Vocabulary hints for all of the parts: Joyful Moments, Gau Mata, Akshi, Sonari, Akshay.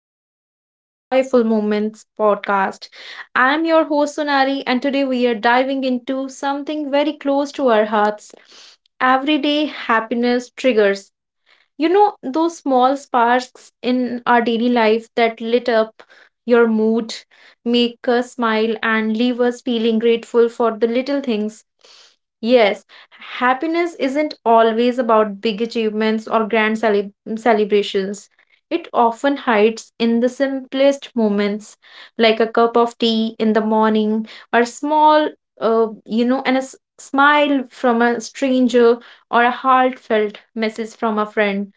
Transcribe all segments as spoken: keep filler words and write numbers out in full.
episode of the Joyful Moments podcast. I'm your host Sonari, and today we are diving into something very close to our hearts. Everyday happiness triggers. You know, those small sparks in our daily life that lit up your mood, make us smile, and leave us feeling grateful for the little things. Yes, happiness isn't always about big achievements or grand cele- celebrations. It often hides in the simplest moments, like a cup of tea in the morning, or small, uh, you know, and a s- smile from a stranger, or a heartfelt message from a friend.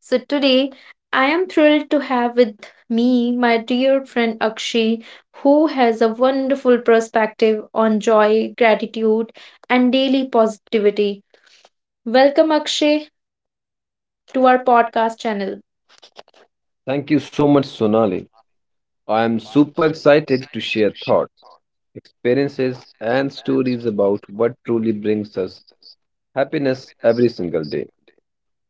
So today I am thrilled to have with me my dear friend Akshi, who has a wonderful perspective on joy, gratitude, and daily positivity. Welcome, Akshay, to our podcast channel. Thank you so much, Sonali. I am super excited to share thoughts, experiences, and stories about what truly brings us happiness every single day.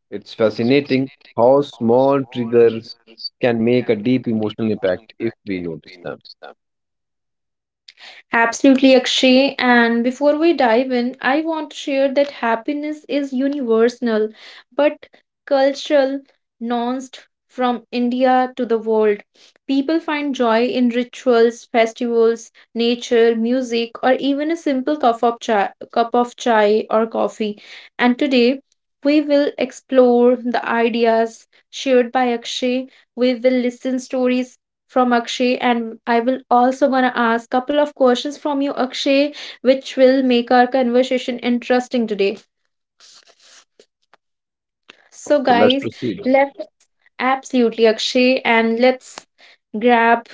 It's fascinating how small triggers can make a deep emotional impact if we notice them. Absolutely, Akshay. And before we dive in, I want to share that happiness is universal but cultural, nuanced from India to the world. People find joy in rituals, festivals, nature, music, or even a simple cup of chai, cup of chai or coffee. And today, we will explore the ideas shared by Akshay. We will listen stories from Akshay, and I will also gonna ask couple of questions from you, Akshay, which will make our conversation interesting today. Sure, So so let's guys, proceed. let's absolutely Akshay and let's grab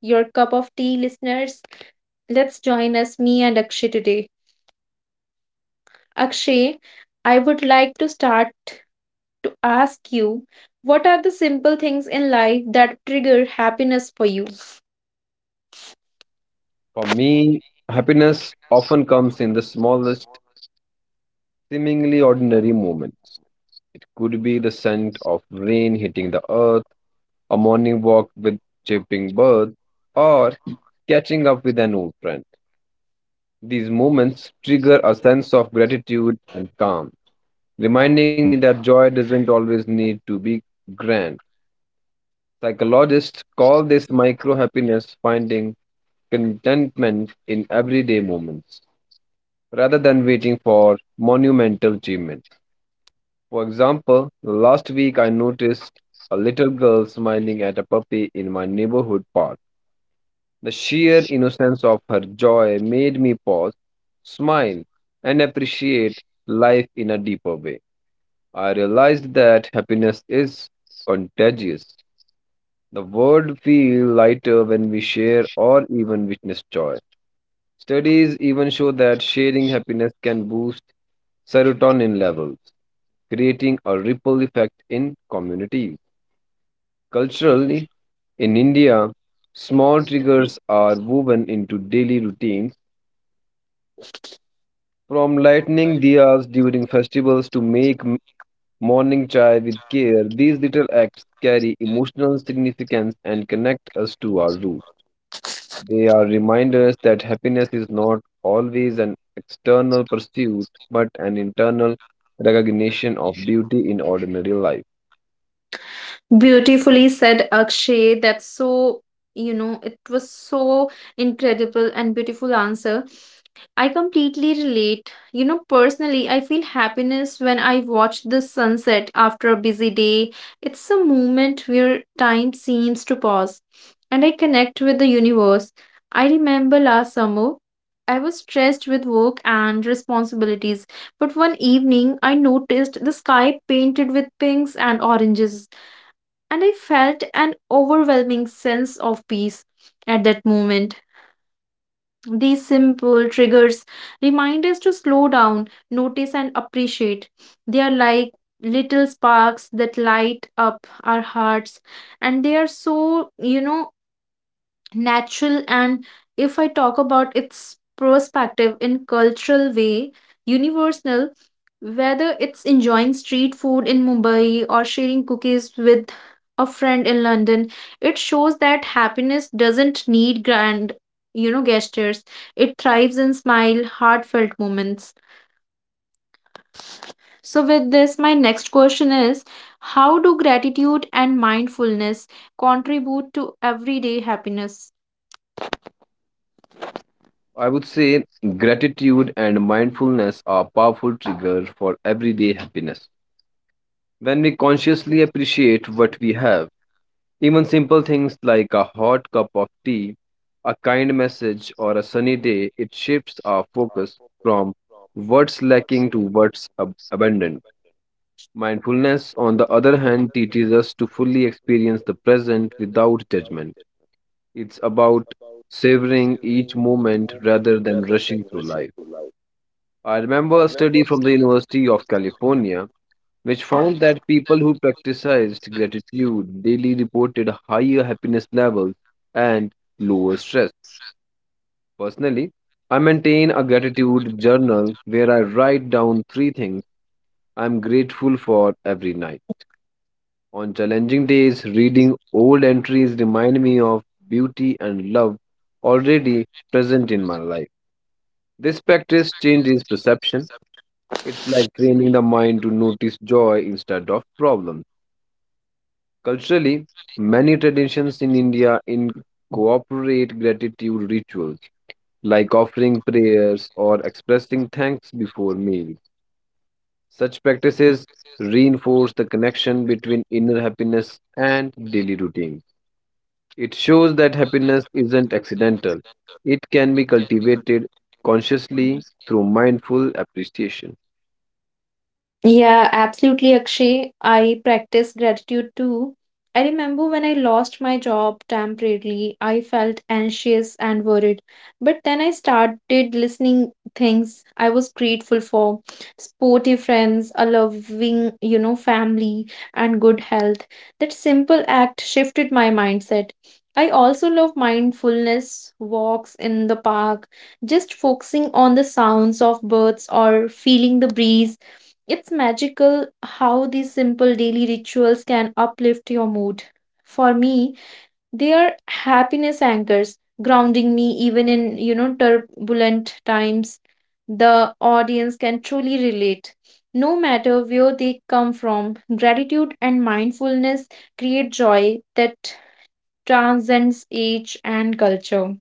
your cup of tea, listeners. Let's join us, me and Akshay, today. Akshay, I would like to start to ask you, what are the simple things in life that trigger happiness for you? For me, happiness often comes in the smallest, seemingly ordinary moments. It could be the scent of rain hitting the earth, a morning walk with chirping birds, or catching up with an old friend. These moments trigger a sense of gratitude and calm, reminding me that joy doesn't always need to be grand. Psychologists call this micro happiness, finding contentment in everyday moments rather than waiting for monumental achievements. For example, last week I noticed a little girl smiling at a puppy in my neighborhood park. The sheer innocence of her joy made me pause, smile, and appreciate life in a deeper way. I realized that happiness is contagious. The world feels lighter when we share or even witness joy. Studies even show that sharing happiness can boost serotonin levels, creating a ripple effect in communities. Culturally, in India, small triggers are woven into daily routines. From lighting diyas during festivals to make m- morning chai with care, these little acts carry emotional significance and connect us to our roots. They are reminders that happiness is not always an external pursuit, but an internal recognition of beauty in ordinary life. Beautifully said, Akshay. That's so, you know, it was so incredible and beautiful answer. I completely relate. You know, personally, I feel happiness when I watch the sunset after a busy day. It's a moment where time seems to pause and I connect with the universe. I remember last summer, I was stressed with work and responsibilities, but one evening I noticed the sky painted with pinks and oranges, and I felt an overwhelming sense of peace at that moment. These simple triggers remind us to slow down, notice, and appreciate. They are like little sparks that light up our hearts, and they are so, you know, natural. And if I talk about its perspective in cultural way, universal, whether it's enjoying street food in Mumbai or sharing cookies with a friend in London, it shows that happiness doesn't need grand, you know, gestures. It thrives in smile heartfelt moments. So with this, my next question is, how do gratitude and mindfulness contribute to everyday happiness? I would say gratitude and mindfulness are powerful triggers for everyday happiness. When we consciously appreciate what we have, even simple things like a hot cup of tea, a kind message, or a sunny day, it shifts our focus from what's lacking to what's ab- abundant. Mindfulness, on the other hand, teaches us to fully experience the present without judgment. It's about savoring each moment rather than rushing through life. I remember a study from the University of California which found that people who practiced gratitude daily reported higher happiness levels and lower stress. Personally, I maintain a gratitude journal where I write down three things I am grateful for every night. On challenging days, reading old entries remind me of beauty and love already present in my life. This practice changes perception. It's like training the mind to notice joy instead of problems. Culturally, many traditions in India incorporate gratitude rituals, like offering prayers or expressing thanks before meals. Such practices reinforce the connection between inner happiness and daily routines. It shows that happiness isn't accidental, it can be cultivated consciously through mindful appreciation. Yeah, absolutely, Akshay. I practice gratitude too. I remember when I lost my job temporarily, I felt anxious and worried. But then I started listening things I was grateful for, sporty friends, a loving, you know, family, and good health. That simple act shifted my mindset. I also love mindfulness walks in the park, just focusing on the sounds of birds or feeling the breeze. It's magical how these simple daily rituals can uplift your mood. For me, they are happiness anchors, grounding me even in, you know, turbulent times. The audience can truly relate. No matter where they come from, gratitude and mindfulness create joy that transcends age and culture.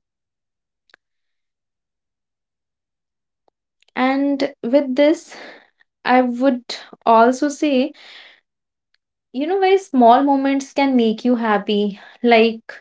And with this, I would also say, you know, very small moments can make you happy. Like,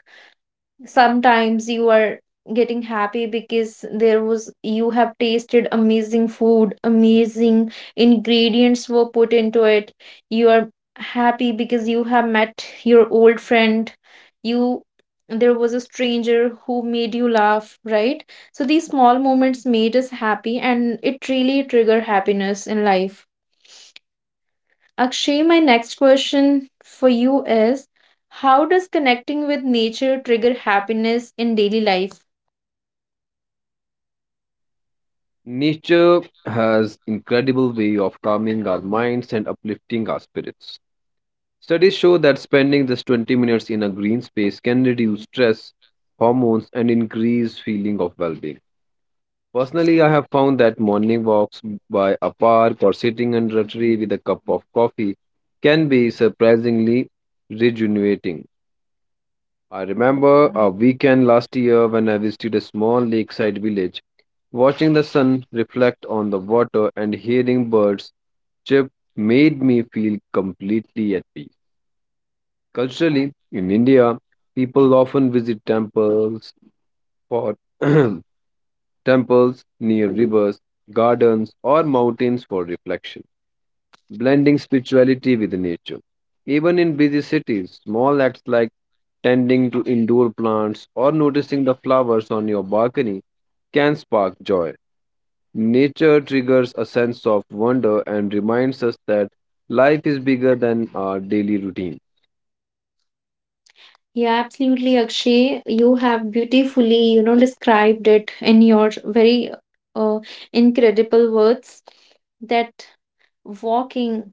sometimes you are getting happy because there was, you have tasted amazing food, amazing ingredients were put into it. You are happy because you have met your old friend. You, there was a stranger who made you laugh, right? So these small moments made us happy, and it really trigger happiness in life. Akshay, my next question for you is, how does connecting with nature trigger happiness in daily life? Nature has incredible way of calming our minds and uplifting our spirits. Studies show that spending just twenty minutes in a green space can reduce stress, hormones, and increase feeling of well-being. Personally, I have found that morning walks by a park or sitting under a tree with a cup of coffee can be surprisingly rejuvenating. I remember a weekend last year when I visited a small lakeside village. Watching the sun reflect on the water and hearing birds chirp made me feel completely at peace. Culturally, in India, people often visit temples for temples near rivers, gardens, or mountains for reflection, blending spirituality with nature. Even in busy cities, small acts like tending to indoor plants or noticing the flowers on your balcony can spark joy. Nature triggers a sense of wonder and reminds us that life is bigger than our daily routine. Yeah, absolutely, Akshay. You have beautifully, you know, described it in your very uh, incredible words that walking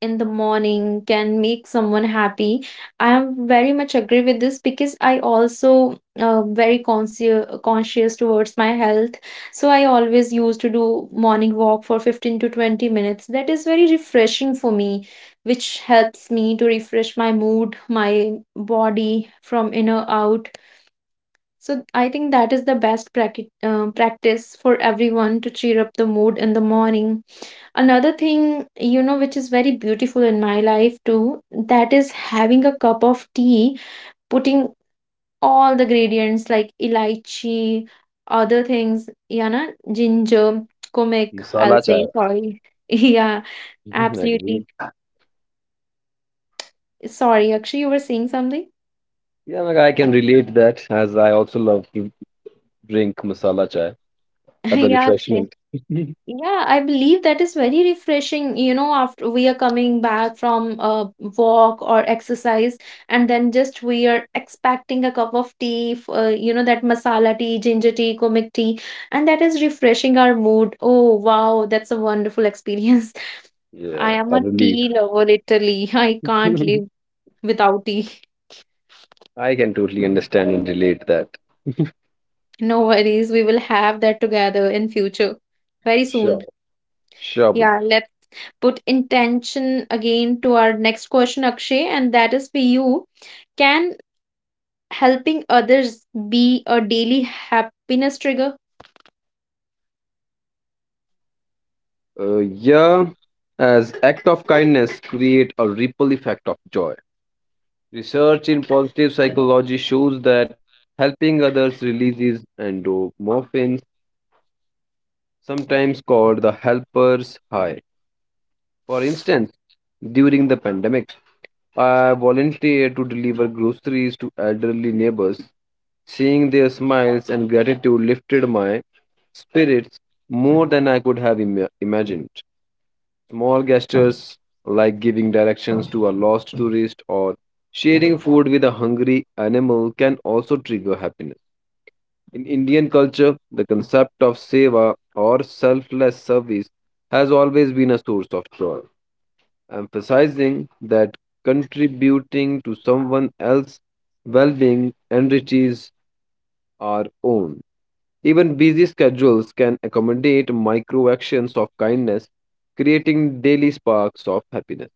in the morning can make someone happy. I am very much agree with this because I also, uh, very conscious conscious towards my health. So I always used to do morning walk for fifteen to twenty minutes. That is very refreshing for me, which helps me to refresh my mood, my body from inner out. So I think that is the best practi- uh, practice for everyone to cheer up the mood in the morning. Another thing, you know, which is very beautiful in my life too, that is having a cup of tea, putting all the gradients like elaichi, other things, yeah, na, ginger, comic, I'll Masala say, chai. sorry. Yeah, absolutely. Agree. Sorry, Akshay, you were saying something? Yeah, like I can relate that, as I also love to drink masala chai as a Yeah, Akshay. refreshment. Yeah, I believe that is very refreshing, you know, after we are coming back from a walk or exercise, and then just we are expecting a cup of tea, f- uh, you know, that masala tea, ginger tea, kumik tea, and that is refreshing our mood. Oh, wow, that's a wonderful experience. I Yeah, am a a tea relief. lover, literally. I can't live without tea. I can totally understand and relate that. No worries, we will have that together in future, very soon. Sure. Sure, bud. Yeah, let's put intention again to our next question, Akshay, and that is for you. Can helping others be a daily happiness trigger? Uh, yeah, as act of kindness create a ripple effect of joy. Research in positive psychology shows that helping others releases endorphins, sometimes called the helper's high. For instance, during the pandemic, I volunteered to deliver groceries to elderly neighbors. Seeing their smiles and gratitude lifted my spirits more than I could have ima- imagined. Small gestures like giving directions to a lost tourist or sharing food with a hungry animal can also trigger happiness. In Indian culture, the concept of seva, or selfless service, has always been a source of joy, emphasizing that contributing to someone else's well being enriches our own. Even busy schedules can accommodate micro actions of kindness, creating daily sparks of happiness.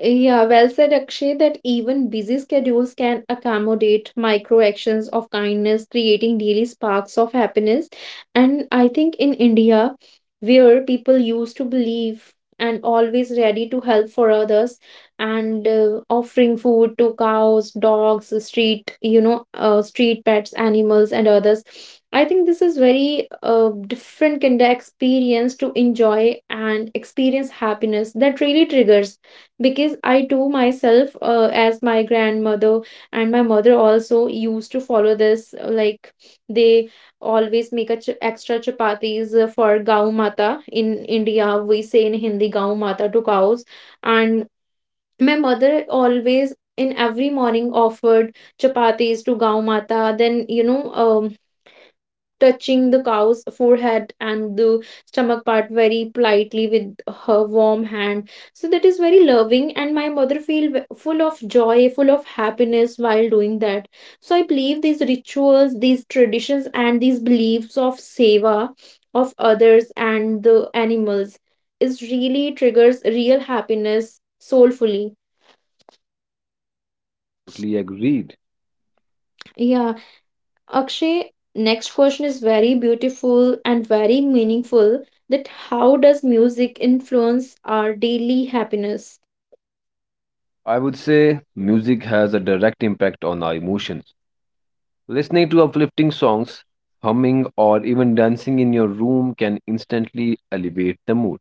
Yeah, well said, Akshay, that even busy schedules can accommodate micro actions of kindness, creating daily sparks of happiness. And I think in India, where people used to believe and always ready to help for others, and uh, offering food to cows, dogs, street, you know, uh, street pets, animals, and others. I think this is very uh, different kind of experience to enjoy and experience happiness that really triggers, because I too myself, uh, as my grandmother and my mother also used to follow this. uh, Like they always make a ch- extra chapatis uh, for Gau Mata. In India, we say in Hindi Gau Mata to cows, and my mother always in every morning offered chapatis to Gau Mata. Then, you know, um, touching the cow's forehead and the stomach part very politely with her warm hand. So that is very loving, and my mother feel ve- full of joy, full of happiness while doing that. So I believe these rituals, these traditions, and these beliefs of seva of others and the animals is really triggers real happiness soulfully. Totally agreed. Yeah. Akshay, next question is very beautiful and very meaningful, that how does music influence our daily happiness? I would say music has a direct impact on our emotions. Listening to uplifting songs, humming, or even dancing in your room can instantly elevate the mood.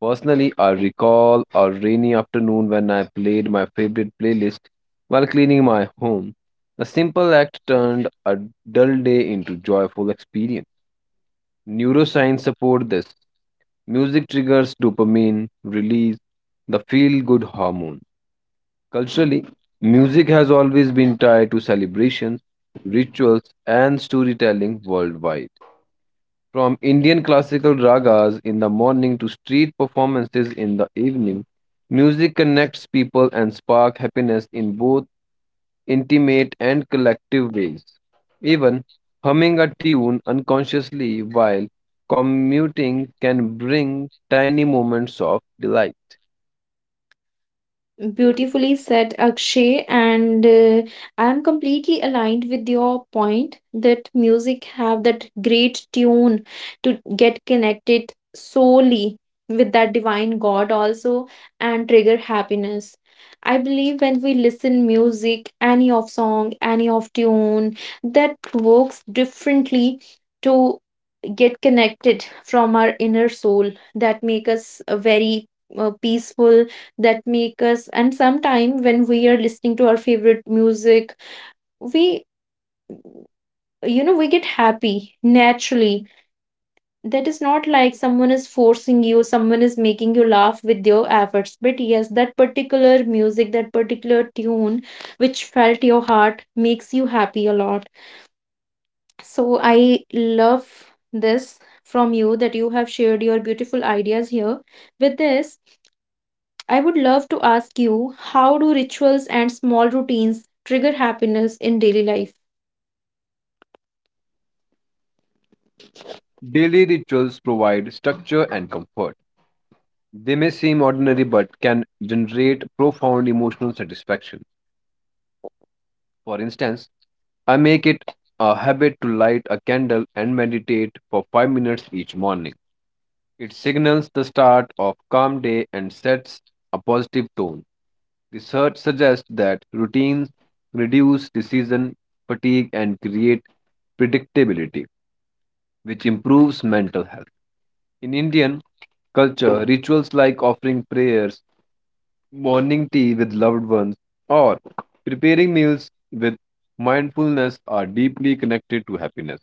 Personally, I recall a rainy afternoon when I played my favorite playlist while cleaning my home. The simple act turned a dull day into joyful experience. Neuroscience support this. Music triggers dopamine release, the feel-good hormone. Culturally, music has always been tied to celebrations, rituals, and storytelling worldwide. From Indian classical ragas in the morning to street performances in the evening, music connects people and spark happiness in both intimate and collective ways. Even humming a tune unconsciously while commuting can bring tiny moments of delight. Beautifully said, Akshay, and uh, I am completely aligned with your point that music have that great tune to get connected solely with that divine God also, and trigger happiness. I believe when we listen music, any of song, any of tune, that works differently to get connected from our inner soul, that make us uh, very uh, peaceful, that make us. And sometime when we are listening to our favorite music, we, you know, we get happy naturally. That is not like someone is forcing you, someone is making you laugh with your efforts, but yes, that particular music, that particular tune, which felt your heart, makes you happy a lot. So I love this from you that you have shared your beautiful ideas here. With this, I would love to ask you, how do rituals and small routines trigger happiness in daily life? Daily rituals provide structure and comfort. They may seem ordinary but can generate profound emotional satisfaction. For instance, I make it a habit to light a candle and meditate for five minutes each morning. It signals the start of calm day and sets a positive tone. Research suggests that routines reduce decision fatigue and create predictability, which improves mental health. In Indian culture, rituals like offering prayers, morning tea with loved ones, or preparing meals with mindfulness are deeply connected to happiness.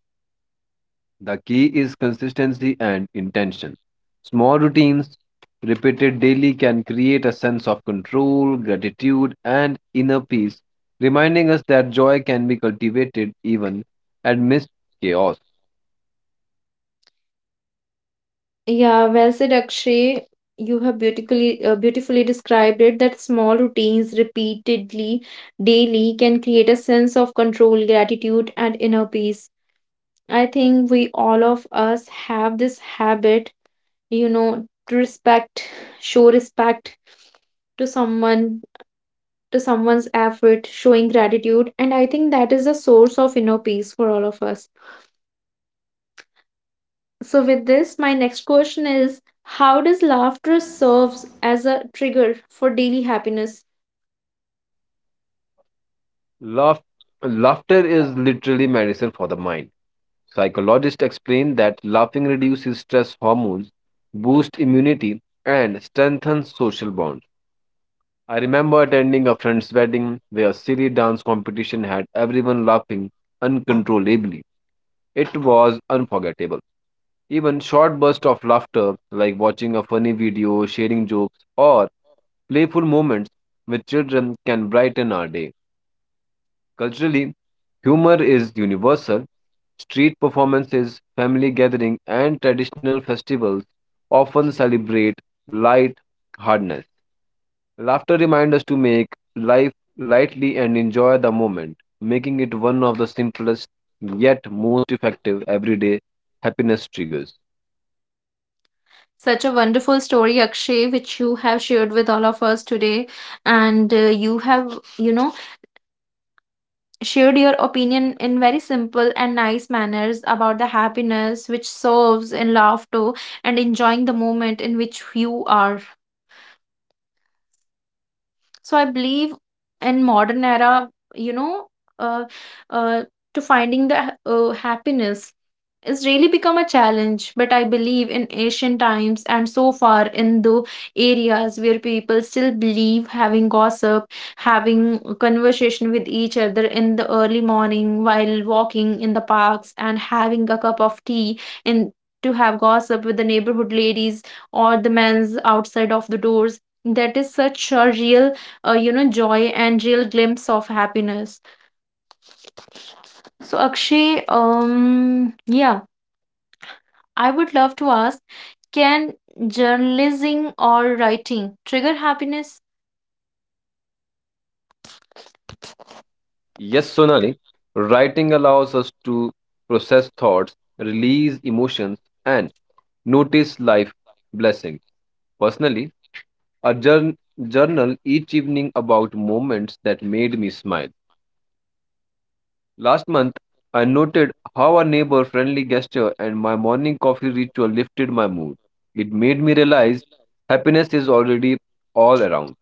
The key is consistency and intention. Small routines repeated daily can create a sense of control, gratitude, and inner peace, reminding us that joy can be cultivated even amidst chaos. Yeah, well said, Akshay. You have beautifully uh, beautifully described it that small routines repeatedly daily can create a sense of control, gratitude, and inner peace. I think we all of us have this habit, you know, to respect, show respect to someone, to someone's effort, showing gratitude. And I think that is the source of inner peace for all of us. So, with this, my next question is, how does laughter serves as a trigger for daily happiness? Laugh- laughter is literally medicine for the mind. Psychologists explain that laughing reduces stress hormones, boosts immunity, and strengthens social bonds. I remember attending a friend's wedding where a silly dance competition had everyone laughing uncontrollably. It was unforgettable. Even short bursts of laughter, like watching a funny video, sharing jokes, or playful moments with children, can brighten our day. Culturally, humor is universal. Street performances, family gatherings, and traditional festivals often celebrate light-heartedness. Laughter reminds us to make life lightly and enjoy the moment, making it one of the simplest yet most effective everyday happiness triggers. Such a wonderful story, Akshay, which you have shared with all of us today. And uh, you have, you know, shared your opinion in very simple and nice manners about the happiness which serves in laughter and enjoying the moment in which you are. So I believe in modern era, you know, uh, uh, to finding the ha- uh, happiness is really become a challenge, but I believe in ancient times and so far in the areas where people still believe having gossip, having a conversation with each other in the early morning while walking in the parks and having a cup of tea, and to have gossip with the neighborhood ladies or the men's outside of the doors, that is such a real, uh, you know, joy and real glimpse of happiness. So Akshay, um yeah, I would love to ask, can journalism or writing trigger happiness? Yes, Sonali, writing allows us to process thoughts, release emotions, and notice life blessings. Personally, I journ- journal each evening about moments that made me smile. Last month, I noted how a neighbor friendly gesture and my morning coffee ritual lifted my mood. It made me realize happiness is already all around.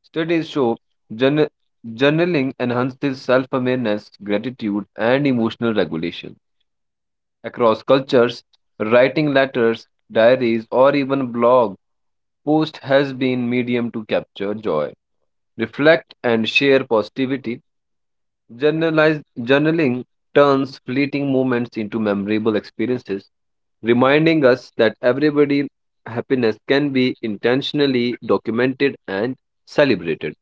Studies show journa- journaling enhances self awareness, gratitude, and emotional regulation. Across cultures, writing letters, diaries, or even blog posts has been medium to capture joy, reflect, and share positivity. Journalize, journaling turns fleeting moments into memorable experiences, reminding us that everybody happiness can be intentionally documented and celebrated.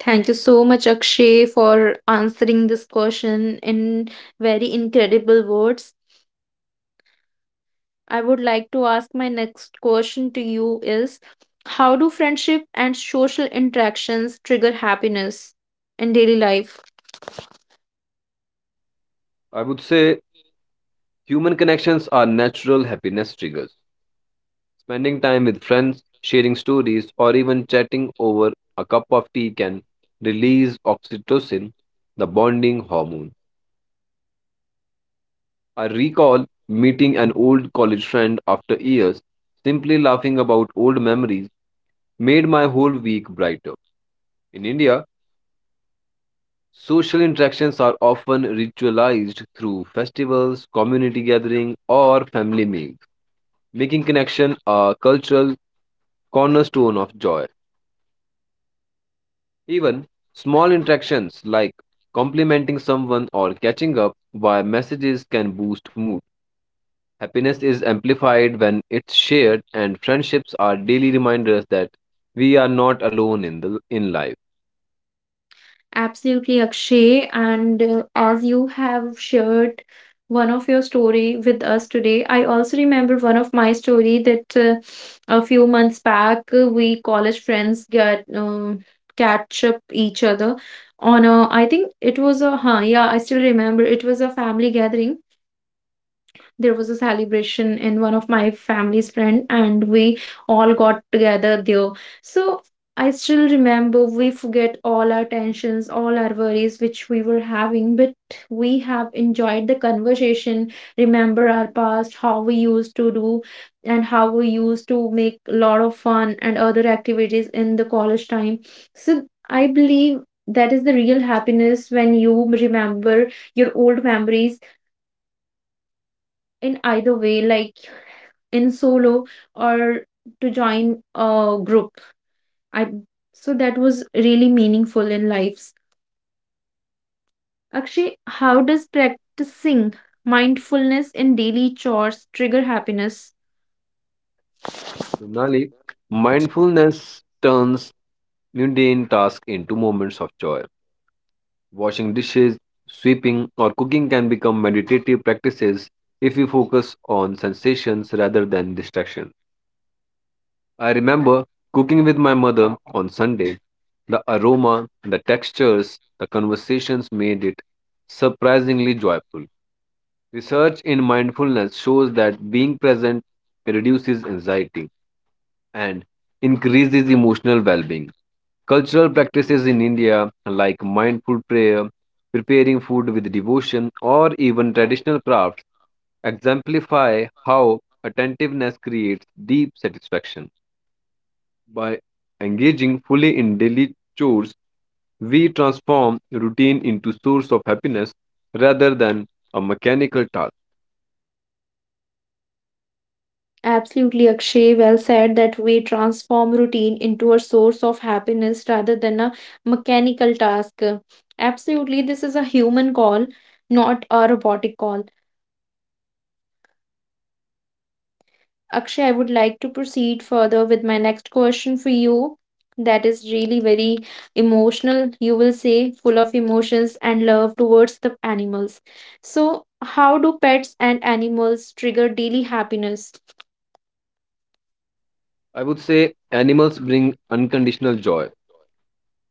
Thank you so much, Akshay, for answering this question in very incredible words. I would like to ask my next question to you is, how do friendship and social interactions trigger happiness in daily life? I would say human connections are natural happiness triggers. Spending time with friends, sharing stories, or even chatting over a cup of tea can release oxytocin, the bonding hormone. I recall meeting an old college friend after years. Simply laughing about old memories made my whole week brighter. In India, social interactions are often ritualized through festivals, community gathering, or family meals, making connection a cultural cornerstone of joy. Even small interactions like complimenting someone or catching up via messages can boost mood. Happiness is amplified when it's shared, and friendships are daily reminders that we are not alone in the in life. Absolutely, Akshay. And uh, as you have shared one of your story with us today, I also remember one of my story that, uh, a few months back, uh, we college friends get, um, catch up each other on a, I think it was a, huh yeah, I still remember, it was a family gathering. There was a celebration in one of my family's friend, and we all got together there. So I still remember, we forget all our tensions, all our worries which we were having, but we have enjoyed the conversation, remember our past, how we used to do, and how we used to make a lot of fun and other activities in the college time. So I believe that is the real happiness, when you remember your old memories in either way, like in solo or to join a group. I, so that was really meaningful in lives. Akshay, how does practicing mindfulness in daily chores trigger happiness? Finally, mindfulness turns mundane tasks into moments of joy. Washing dishes, sweeping, or cooking can become meditative practices if we focus on sensations rather than distractions. I remember cooking with my mother on Sunday. The aroma, the textures, the conversations made it surprisingly joyful. Research in mindfulness shows that being present reduces anxiety and increases emotional well being. Cultural practices in India, like mindful prayer, preparing food with devotion, or even traditional crafts, exemplify how attentiveness creates deep satisfaction. By engaging fully in daily chores, we transform routine into source of happiness rather than a mechanical task. Absolutely, Akshay. Well said that we transform routine into a source of happiness rather than a mechanical task. Absolutely, this is a human call, not a robotic call. Akshay, I would like to proceed further with my next question for you. That is really very emotional, you will say, full of emotions and love towards the animals. So, how do pets and animals trigger daily happiness? I would say animals bring unconditional joy.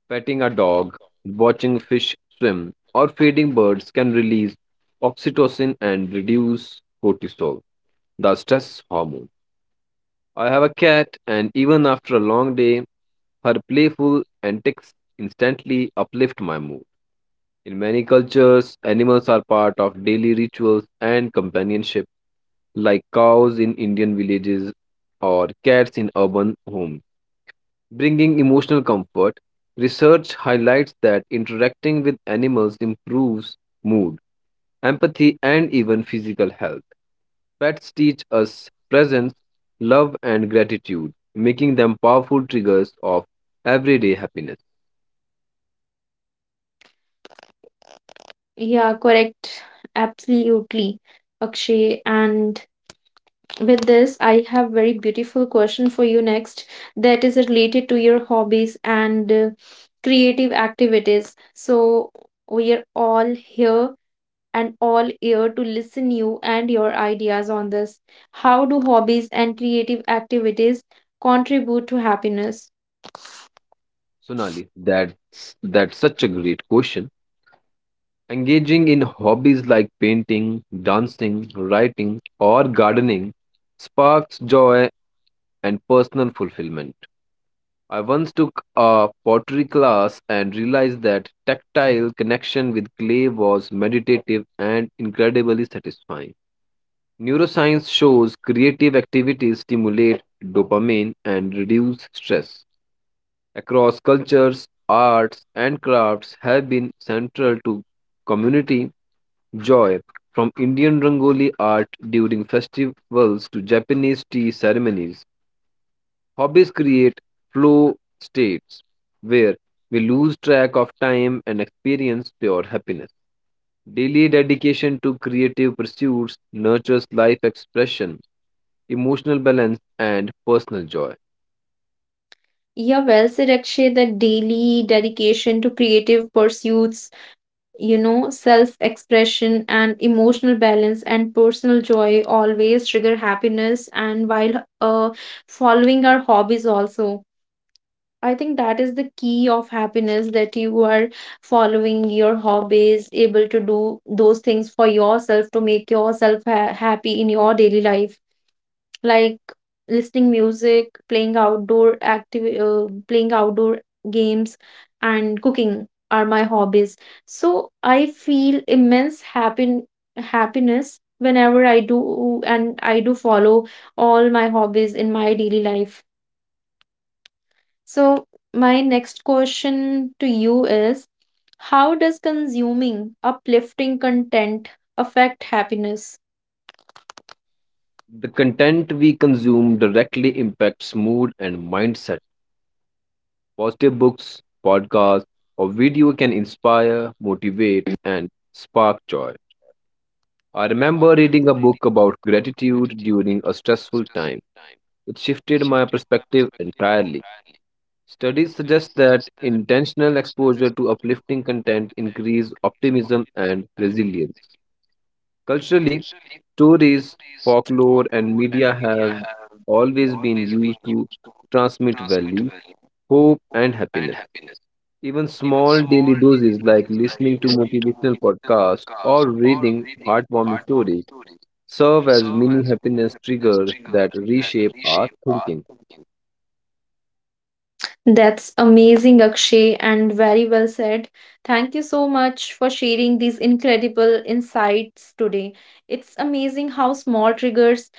Petting a dog, watching fish swim, or feeding birds can release oxytocin and reduce cortisol, the stress hormone. I have a cat, and even after a long day, her playful antics instantly uplift my mood. In many cultures, animals are part of daily rituals and companionship, like cows in Indian villages or cats in urban homes, bringing emotional comfort. Research highlights that interacting with animals improves mood, empathy, and even physical health. Pets teach us presence, love, and gratitude, making them powerful triggers of everyday happiness. Yeah, correct. Absolutely, Akshay. And with this, I have very beautiful question for you next, that is related to your hobbies and, uh, creative activities. So, we are all here and all ear to listen you and your ideas on this. How do hobbies and creative activities contribute to happiness? Sonali, that's, that's such a great question. Engaging in hobbies like painting, dancing, writing, or gardening sparks joy and personal fulfillment. I once took a pottery class and realized that tactile connection with clay was meditative and incredibly satisfying. Neuroscience shows creative activities stimulate dopamine and reduce stress. Across cultures, arts and crafts have been central to community joy, from Indian Rangoli art during festivals to Japanese tea ceremonies. Hobbies create flow states where we lose track of time and experience pure happiness. Daily dedication to creative pursuits nurtures life expression, emotional balance, and personal joy. Yeah, well said, Akshay. The daily dedication to creative pursuits, you know, self expression and emotional balance and personal joy always trigger happiness. And while uh, following our hobbies, also I think that is the key of happiness, that you are following your hobbies, able to do those things for yourself to make yourself ha- happy in your daily life, like listening music, playing outdoor active, uh, playing outdoor games, and cooking are my hobbies. So I feel immense happy happiness whenever I do, and I do follow all my hobbies in my daily life. So, my next question to you is, how does consuming uplifting content affect happiness? The content we consume directly impacts mood and mindset. Positive books, podcasts, or video can inspire, motivate, and spark joy. I remember reading a book about gratitude during a stressful time. It shifted my perspective entirely. Studies suggest that intentional exposure to uplifting content increase optimism and resilience. Culturally, stories, folklore, and media have always been used to transmit value, hope, and happiness. Even small daily doses like listening to motivational podcasts or reading heartwarming stories serve as mini happiness triggers that reshape our thinking. That's amazing, Akshay, and very well said. Thank you so much for sharing these incredible insights today. It's amazing how small triggers,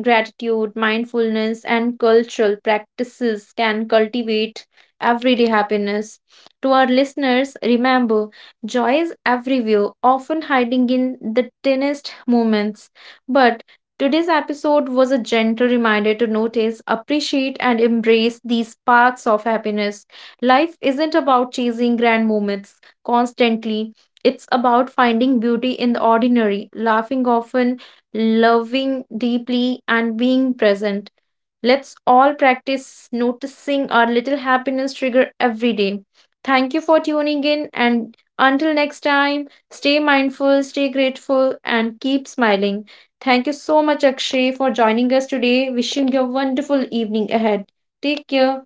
gratitude, mindfulness, and cultural practices can cultivate everyday happiness. To our listeners, remember, joy is everywhere, often hiding in the tiniest moments. But today's episode was a gentle reminder to notice, appreciate, and embrace these sparks of happiness. Life isn't about chasing grand moments constantly. It's about finding beauty in the ordinary, laughing often, loving deeply, and being present. Let's all practice noticing our little happiness trigger every day. Thank you for tuning in, and until next time, stay mindful, stay grateful, and keep smiling. Thank you so much, Akshay, for joining us today. Wishing you a wonderful evening ahead. Take care.